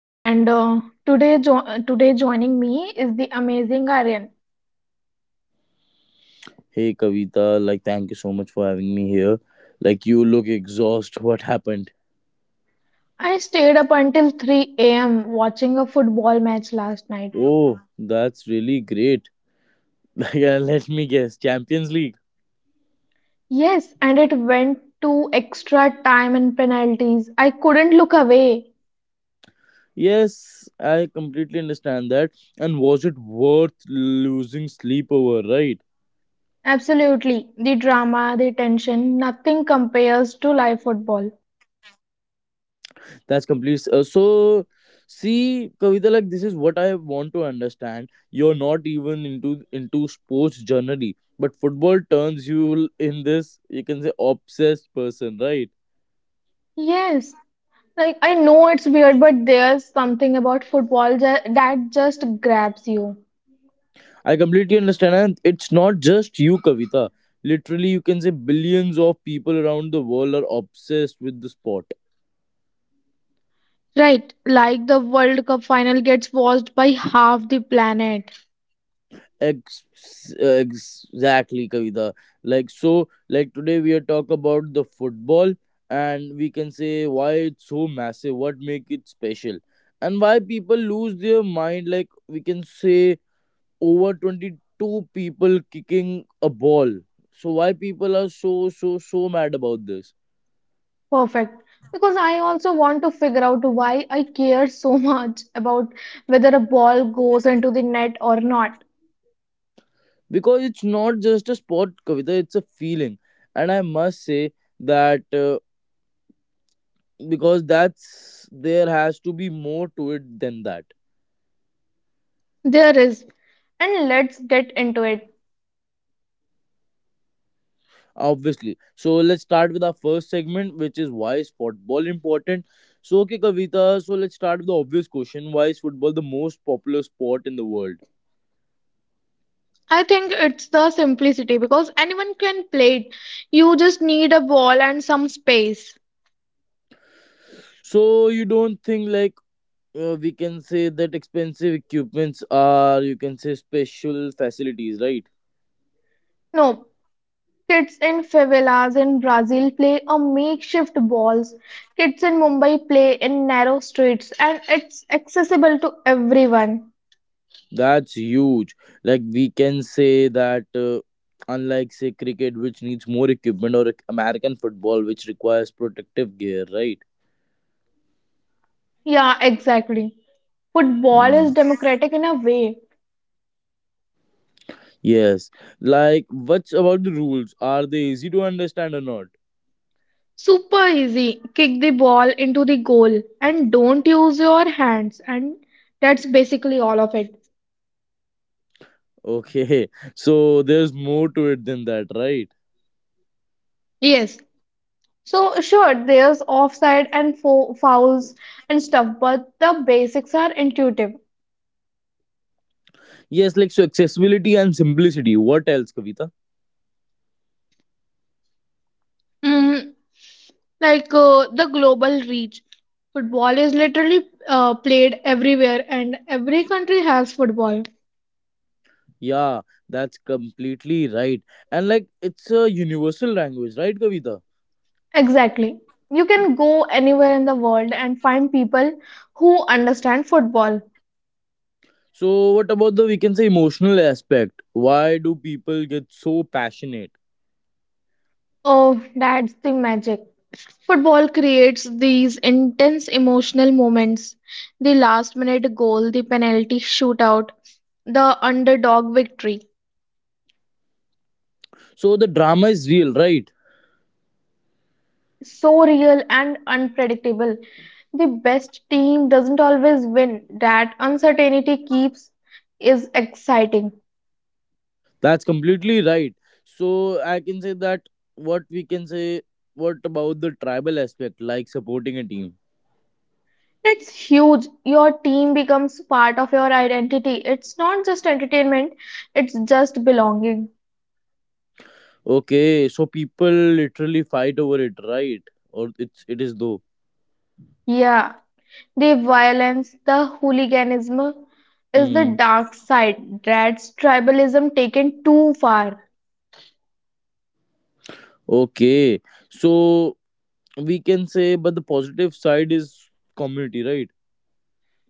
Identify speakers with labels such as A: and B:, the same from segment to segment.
A: And Today, today joining me is the amazing Aryan.
B: Hey Kavita, like thank you so much for having me here. Like you look exhausted. What happened?
A: I stayed up until 3 a.m. watching a football match last night.
B: Oh, that's really great. Like let me guess, Champions League.
A: Yes, and it went to extra time and penalties. I couldn't look away.
B: Yes, I completely understand that. And was it worth losing sleep over, right?
A: Absolutely, the drama, the tension, nothing compares to live football.
B: That's complete. See, Kavita, like this is what I want to understand. You're not even into sports generally, but football turns you in this. You can say obsessed person, right?
A: Yes, like I know it's weird, but there's something about football that just grabs you.
B: I completely understand, and it's not just you, Kavita. Literally, you can say billions of people around the world are obsessed with the sport.
A: Right, like the World Cup final gets watched by half the planet.
B: Exactly, Kavita. Like so, like today we are talk about the football, and we can say why it's so massive, what make it special, and why people lose their mind. Like we can say over 22 people kicking a ball. So why people are so mad about this?
A: Perfect. Because I also want to figure out why I care so much about whether a ball goes into the net or not.
B: Because it's not just a sport, Kavita, it's a feeling, and I must say that because that's there has to be more to it than that.
A: There is. And let's get into it.
B: Obviously, so let's start with our first segment, which is why is football important. So okay, Kavita, so let's start with the obvious question, why is football the most popular sport in the world?
A: I think it's the simplicity because anyone can play it. You just need a ball and some space.
B: So you don't think like we can say that expensive equipments are you can say special facilities, right?
A: No, kids in favelas in Brazil play on makeshift balls. Kids in Mumbai play in narrow streets, and it's accessible to everyone.
B: That's huge. Like we can say that unlike say cricket which needs more equipment or like, American football which requires protective gear, right?
A: Yeah, exactly. Football is
B: Hmm.
A: democratic in a way.
B: Yes. Like what's about the rules? Are they easy to understand or not?
A: Super easy. Kick the ball into the goal and don't use your hands. And that's basically all of it.
B: Okay. So there's more to it than that, right?
A: Yes. So, sure, there's offside and fouls and stuff, but the basics are intuitive.
B: Yes, like so accessibility and simplicity. What else, Kavita?
A: Mm, the global reach. Football is literally played everywhere, and every country has football.
B: Yeah, that's completely right. And like it's a universal language, right, Kavita?
A: Exactly. You can go anywhere in the world and find people who understand football.
B: So, what about the we can say emotional aspect? Why do people get so passionate?
A: Oh, that's the magic. Football creates these intense emotional moments: the last minute goal, the penalty shootout, the underdog victory.
B: So, the drama is real, right?
A: So real and unpredictable. The best team doesn't always win. That uncertainty keeps is exciting.
B: That's completely right. So, I can say that what we can say, what about the tribal aspect, like supporting a team?
A: It's huge. Your team becomes part of your identity. It's not just entertainment, it's just belonging.
B: Okay, so people literally fight over it, right? Or it's it is though.
A: Yeah. The violence, the hooliganism is the
B: Mm.
A: dark side. That's tribalism taken too far.
B: Okay, so we can say, but the positive side is community, right?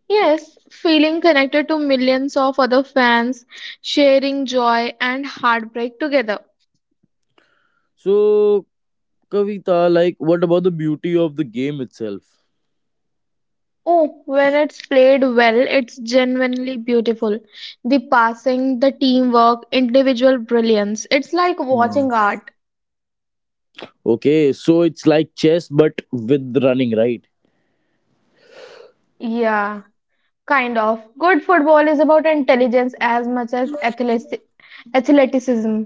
A: Yes, feeling connected to millions of other fans, sharing joy and heartbreak together.
B: So, Kavita, like, what about the beauty of the game itself?
A: Oh, when it's played well, it's genuinely beautiful. The passing, the teamwork, individual brilliance. It's like
B: Hmm.
A: watching art.
B: Okay, so it's like chess but with running, right?
A: Yeah, kind of. Good football is about intelligence as much as athleticism.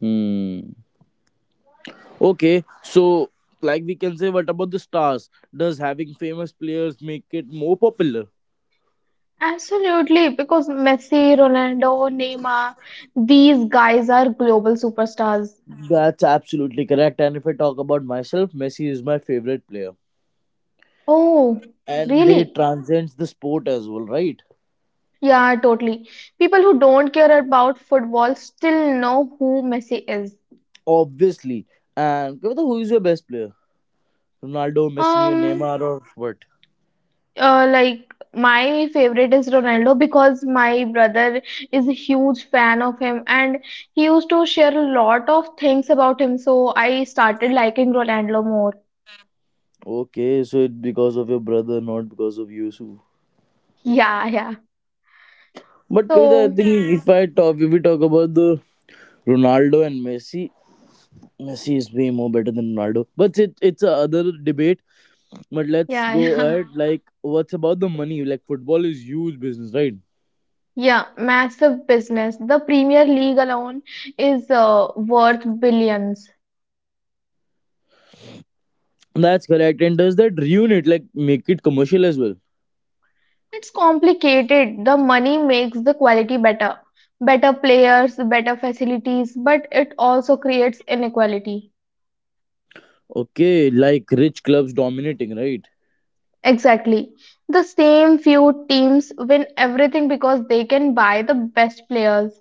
B: Hmm. Okay, so like we can say, what about the stars? Does having famous players make it more popular?
A: Absolutely, because Messi, Ronaldo, Neymar, these guys are global superstars.
B: That's absolutely correct. And if I talk about myself, Messi is my favorite player,
A: Oh,
B: and they
A: really?
B: transcends the sport as well, right?
A: Yeah, totally. People who don't care about football still know who Messi is.
B: Obviously. And Kavita, who is your best player? Ronaldo, Messi, or
A: Um,
B: Neymar, or what?
A: like, my favorite is Ronaldo because my brother is a huge fan of him and he used to share a lot of things about him, so I started liking Ronaldo more.
B: Okay, so it's because of your brother, not because of you. So
A: Yeah, yeah.
B: but Kavita, I
A: So,
B: think if we talk about the Ronaldo and Messi, Messi is way more better than Ronaldo. But it's a other debate. But let's
A: yeah,
B: go
A: yeah.
B: at like what's about the money? Like football is huge business, right?
A: Yeah, massive business. The Premier League alone is worth billions.
B: That's correct. And does that ruin it? Like make it commercial as well?
A: It's complicated. The money makes the quality better. Better players, better facilities, but it also creates inequality.
B: Okay, like rich clubs dominating, right?
A: Exactly. The same few teams win everything because they can buy the best players.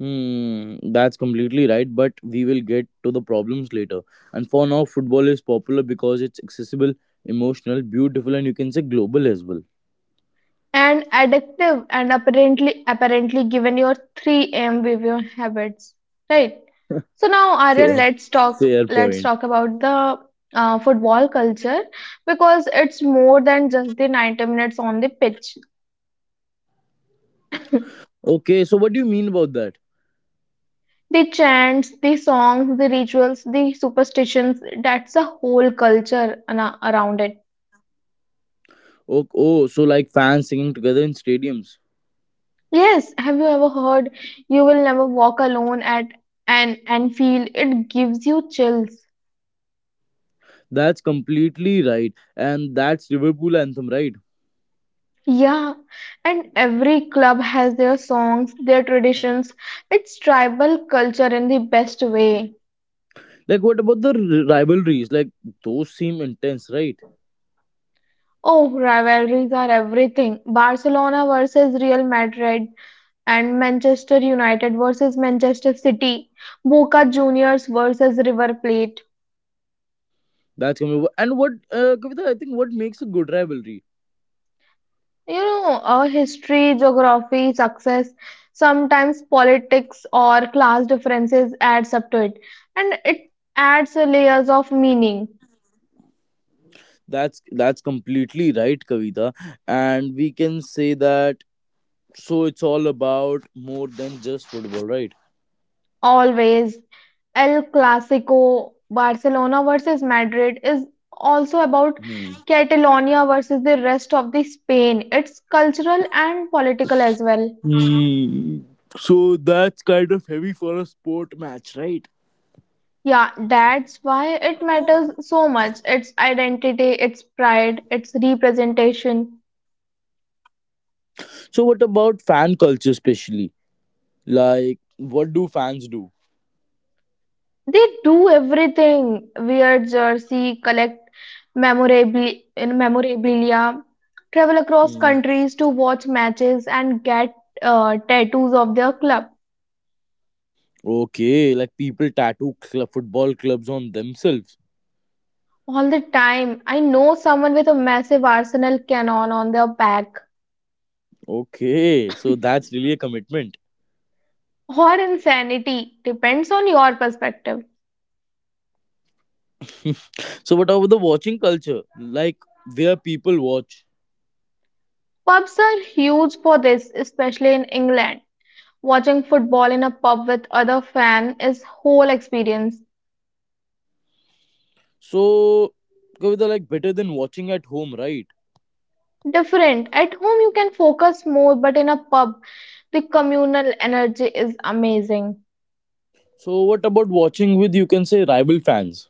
B: Hmm, that's completely right. But we will get to the problems later. And for now, football is popular because it's accessible, emotional, beautiful, and you can say global as well.
A: And addictive and apparently given your 3M behavior habits. Right. So now, Aryan,
B: Fair, fair
A: let's
B: point.
A: talk about the football culture because it's more than just the 90 minutes on the pitch.
B: Okay, so what do you mean about that?
A: The chants, the songs, the rituals, the superstitions, that's a whole culture around it.
B: Oh, so like fans singing together in stadiums.
A: Yes, have you ever heard you will never walk alone at an Anfield? It gives you chills.
B: That's completely right, and that's Liverpool anthem, right?
A: Yeah, and every club has their songs, their traditions. It's tribal culture in the best way.
B: Like, what about the rivalries? Like, those seem intense, right?
A: Oh, rivalries are everything. Barcelona versus Real Madrid, and Manchester United versus Manchester City, Boca Juniors versus River Plate.
B: That's coming. And what, Kavita? I think what makes a good rivalry.
A: You know, our history, geography, success, sometimes politics or class differences adds up to it, and it adds layers of meaning.
B: That's completely right, Kavita. And we can say that. So it's all about more than just football, right?
A: Always, El Clasico, Barcelona versus Madrid is also about
B: Hmm.
A: Catalonia versus the rest of the Spain. It's cultural and political as well.
B: Hmm. So that's kind of heavy for a sport match, right?
A: Yeah, that's why it matters so much. Its identity, its pride, its representation.
B: So what about fan culture, especially? Like, what do fans do?
A: They do everything. Wear jersey, collect memorabilia, travel across
B: Hmm.
A: countries to watch matches, and get tattoos of their club.
B: Okay, like people tattoo football clubs on themselves.
A: All the time, I know someone with a massive Arsenal cannon on their back.
B: Okay, so that's really a commitment.
A: Or insanity, depends on your perspective.
B: So what about the watching culture? Like where people watch.
A: Pubs are huge for this, especially in England. Watching football in a pub with other fan is whole experience.
B: So Kavita, like better than watching at home, right?
A: Different. At home you can focus more, but in a pub the communal energy is amazing.
B: So what about watching with you can say rival fans?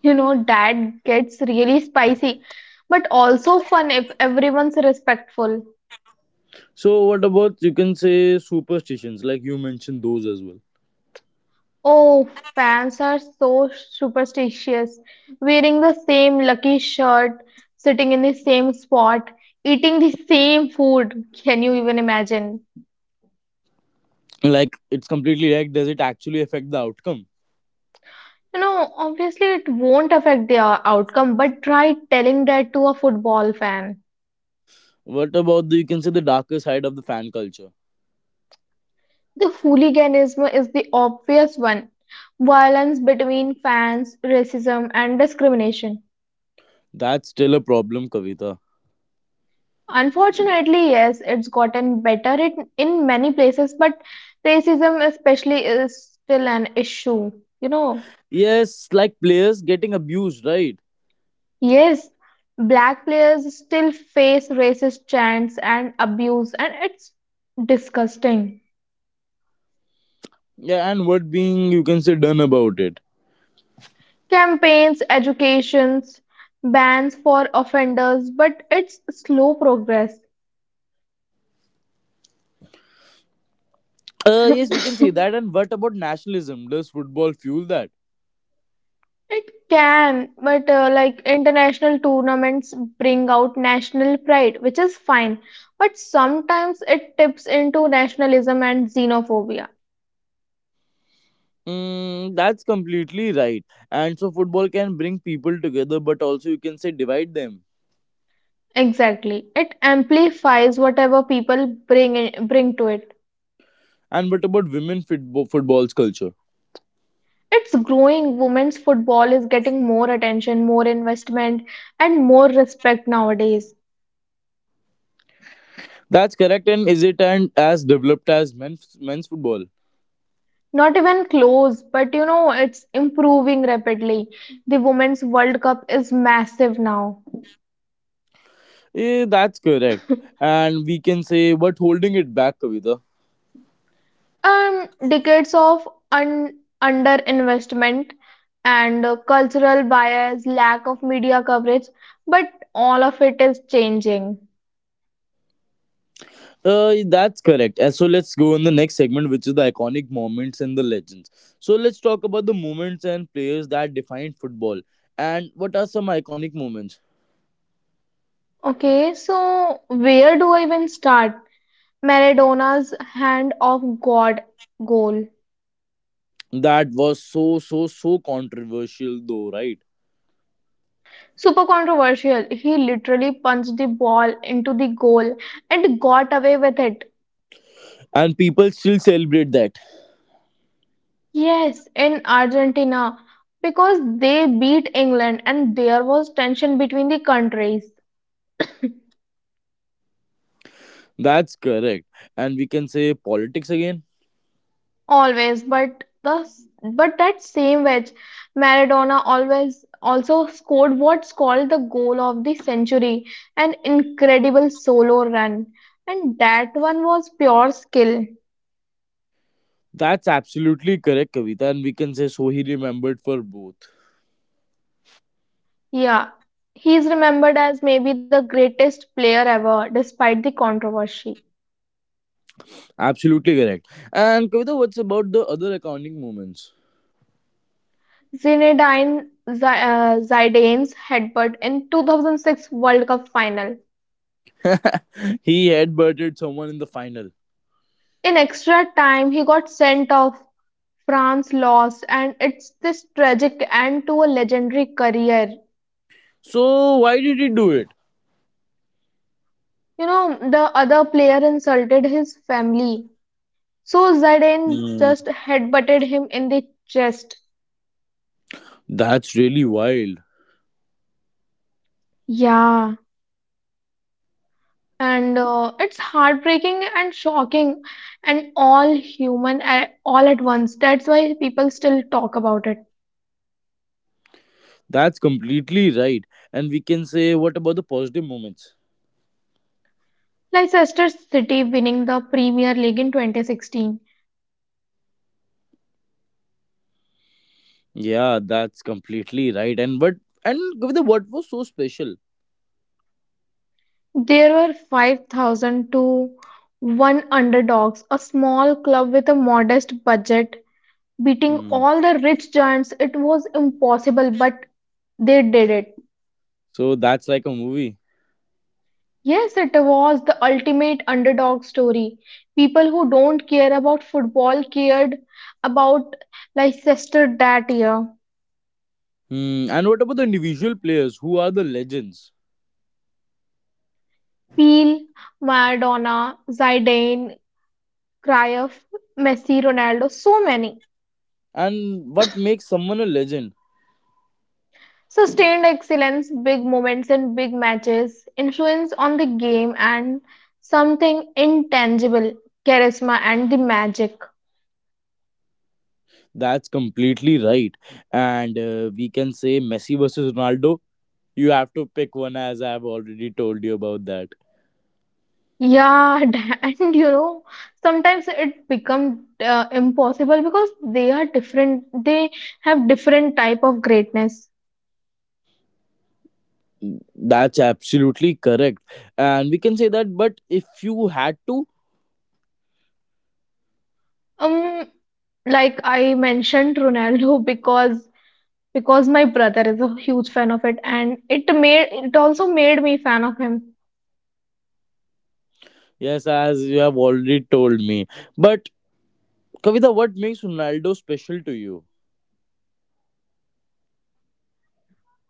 A: You know that gets really spicy, but also fun if everyone's respectful.
B: So what about you can say superstitions like you mentioned those as well.
A: Oh, fans are so superstitious. Wearing the same lucky shirt, sitting in the same spot, eating the same food. Can you even imagine?
B: Like it's completely right. Does it actually affect the outcome?
A: You know, obviously it won't affect the outcome, but try telling that to a football fan.
B: What about the you can say the darker side of the fan culture?
A: The hooliganism is the obvious one. Violence between fans, racism, and discrimination.
B: That's still a problem, Kavita.
A: Unfortunately, yes, it's gotten better it, in many places, but racism especially is still an issue. You know,
B: Yes, like players getting abused, right?
A: yes, black players still face racist chants and abuse, and it's disgusting.
B: Yeah, and what being you can say done about it?
A: Campaigns, educations, bans for offenders, but it's slow progress.
B: Yes, we can say that. And what about nationalism? Does football fuel that?
A: It can, but like international tournaments bring out national pride, which is fine, but sometimes it tips into nationalism and xenophobia.
B: Mm, that's completely right. And so football can bring people together, but also you can say divide them.
A: Exactly. It amplifies whatever people bring to it.
B: And what about women football's culture?
A: It's growing. Women's football is getting more attention, more investment, and more respect nowadays.
B: That's correct. And is it and as developed as men's football?
A: Not even close, but you know, it's improving rapidly. The Women's World Cup is massive now.
B: Eh, that's correct. And we can say what holding it back, Kavita.
A: Decades of underinvestment and cultural bias, lack of media coverage, but all of it is changing.
B: That's correct. So let's go on the next segment, which is the iconic moments and the legends. So let's talk about the moments and players that defined football. And what are some iconic moments
A: Okay, so where do I even start? Maradona's hand of God goal.
B: that was so controversial though, right?
A: Super controversial. He literally punched the ball into the goal and got away with it.
B: And people still celebrate that.
A: Yes, in Argentina, because they beat England and there was tension between the countries
B: That's correct. And we can say politics again.
A: always, but the but that same wedge, Maradona always also scored what's called the goal of the century, an incredible solo run, and that one was pure skill.
B: That's absolutely correct, Kavita, and we can say so he remembered for both.
A: Yeah, he's remembered as maybe the greatest player ever, despite the controversy.
B: Absolutely correct. And Kavita, what's about the other accounting moments?
A: Zinedine Zidane's headbutt in 2006 World Cup final.
B: He headbutted someone in the final.
A: In extra time, he got sent off. France lost, and it's this tragic end to a legendary career.
B: So why did he do it?
A: You know, the other player insulted his family, so Zidane
B: Hmm,
A: just headbutted him in the chest.
B: that's really wild.
A: Yeah, and it's heartbreaking and shocking, and all human, all at once. That's why people still talk about it.
B: That's completely right. And we can say, what about the positive moments?
A: Leicester City winning the Premier League in 2016.
B: Yeah, that's completely right. And what and Kavita, what was so special?
A: There were 5,000 to 1 underdogs, a small club with a modest budget, beating
B: Hmm.
A: all the rich giants. It was impossible, but they did it.
B: So that's like a movie.
A: Yes, it was the ultimate underdog story. People who don't care about football cared about Leicester that year.
B: Hmm. And what about the individual players who are the legends?
A: Peel, Maradona, Zidane, Cruyff, Messi, Ronaldo, so many.
B: And what makes someone a legend?
A: Sustained excellence, big moments in big matches, influence on the game, and something intangible, charisma and the magic.
B: That's completely right, and we can say Messi versus Ronaldo, you have to pick one as I have already told you about that.
A: Yeah, and you know, sometimes it becomes impossible because they are different, they have different type of greatness.
B: That's absolutely correct, and we can say that but if you had to.
A: Um, like, I mentioned Ronaldo because my brother is a huge fan of it and it also made me fan of him.
B: Yes, as you have already told me, but Kavita, what makes Ronaldo special to you?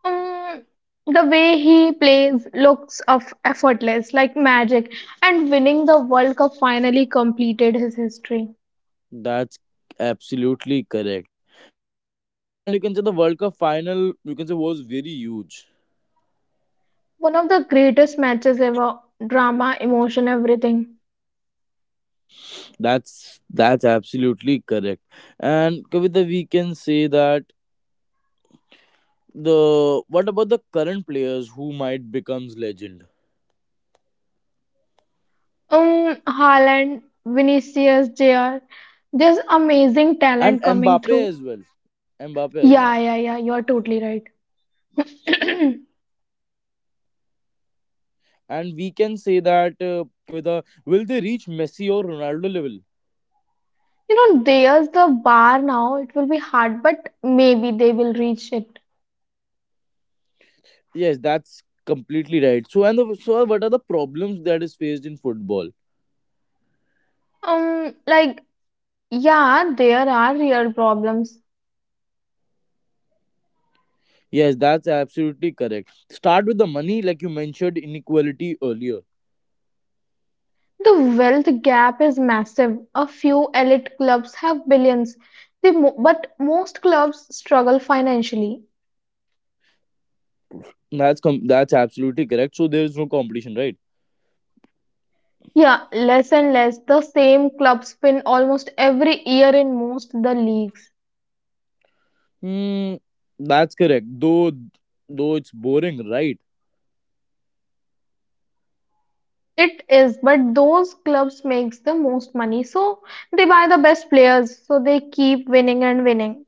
A: um, the way he plays looks of effortless, like magic, and winning the world cup finally completed his history.
B: That's absolutely correct, and you can say the World Cup final you can say was very huge.
A: One of the greatest matches ever, drama, emotion, everything.
B: That's absolutely correct. And Kavita, we can say that the what about the current players who might becomes legend?
A: Haaland, Vinicius JR, there's amazing
B: And
A: talent coming
B: Mbappe
A: through.
B: as well. Mbappe as well.
A: Yeah, yeah, yeah, you're totally right.
B: And we can say that Kavita, will they reach Messi or Ronaldo level?
A: You know, there's the bar now. It will be hard, but maybe they will reach it.
B: Yes, that's completely right. So and the, so what are the problems that is faced in football?
A: Um, like, yeah, there are real problems.
B: Yes, that's absolutely correct. Start with the money, like you mentioned inequality earlier.
A: The wealth gap is massive. A few elite clubs have billions. They mo But most clubs struggle financially.
B: That's absolutely correct. So there is no competition, right?
A: Yeah, less and less. The same clubs win almost every year in most the leagues.
B: Hmm, that's correct. Though it's boring, right?
A: It is, but those clubs makes the most money, so they buy the best players, so they keep winning and winning.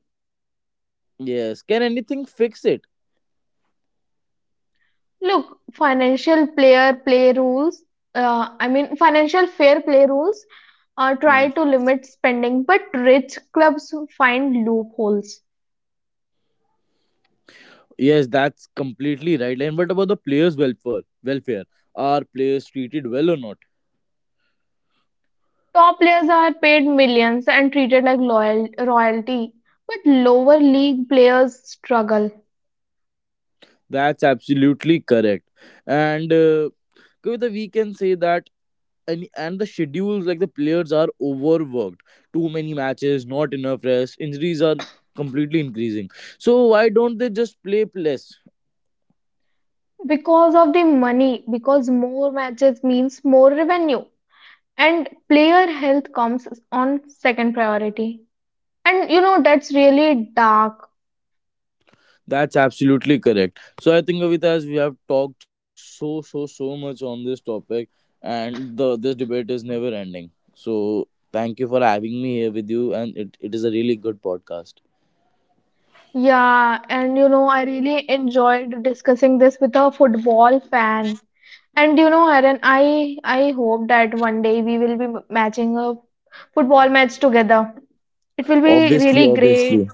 B: Yes. Can anything fix it?
A: Look, financial fair play rules
B: Hmm.
A: try to limit spending, but rich clubs find loopholes.
B: Yes, that's completely right. And what about the players' welfare? Are players treated well or not?
A: Top players are paid millions and treated like loyal royalty, but lower league players struggle
B: That's absolutely correct. And Kavita, we can say that and the schedules like the players are overworked. Too many matches, not enough rest. Injuries are completely increasing. So why don't they just play less?
A: because of the money, because more matches means more revenue, and player health comes on second priority. And you know, that's really dark.
B: That's absolutely correct. So I think Avitas, we have talked so much on this topic, and the this debate is never ending. So thank you for having me here with you, and it is a really good podcast.
A: Yeah, and you know, I really enjoyed discussing this with a football fan. And you know, Aaron, I hope that one day we will be matching a football match together. It will be
B: Obviously,
A: really
B: obviously,
A: great.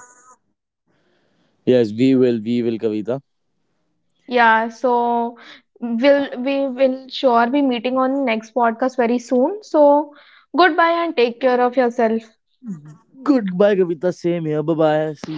B: yes, we will, Kavita.
A: Yeah, so we will sure be meeting on next podcast very soon. So goodbye and take care of yourself.
B: Goodbye, Kavita. Same here. Bye bye. See you.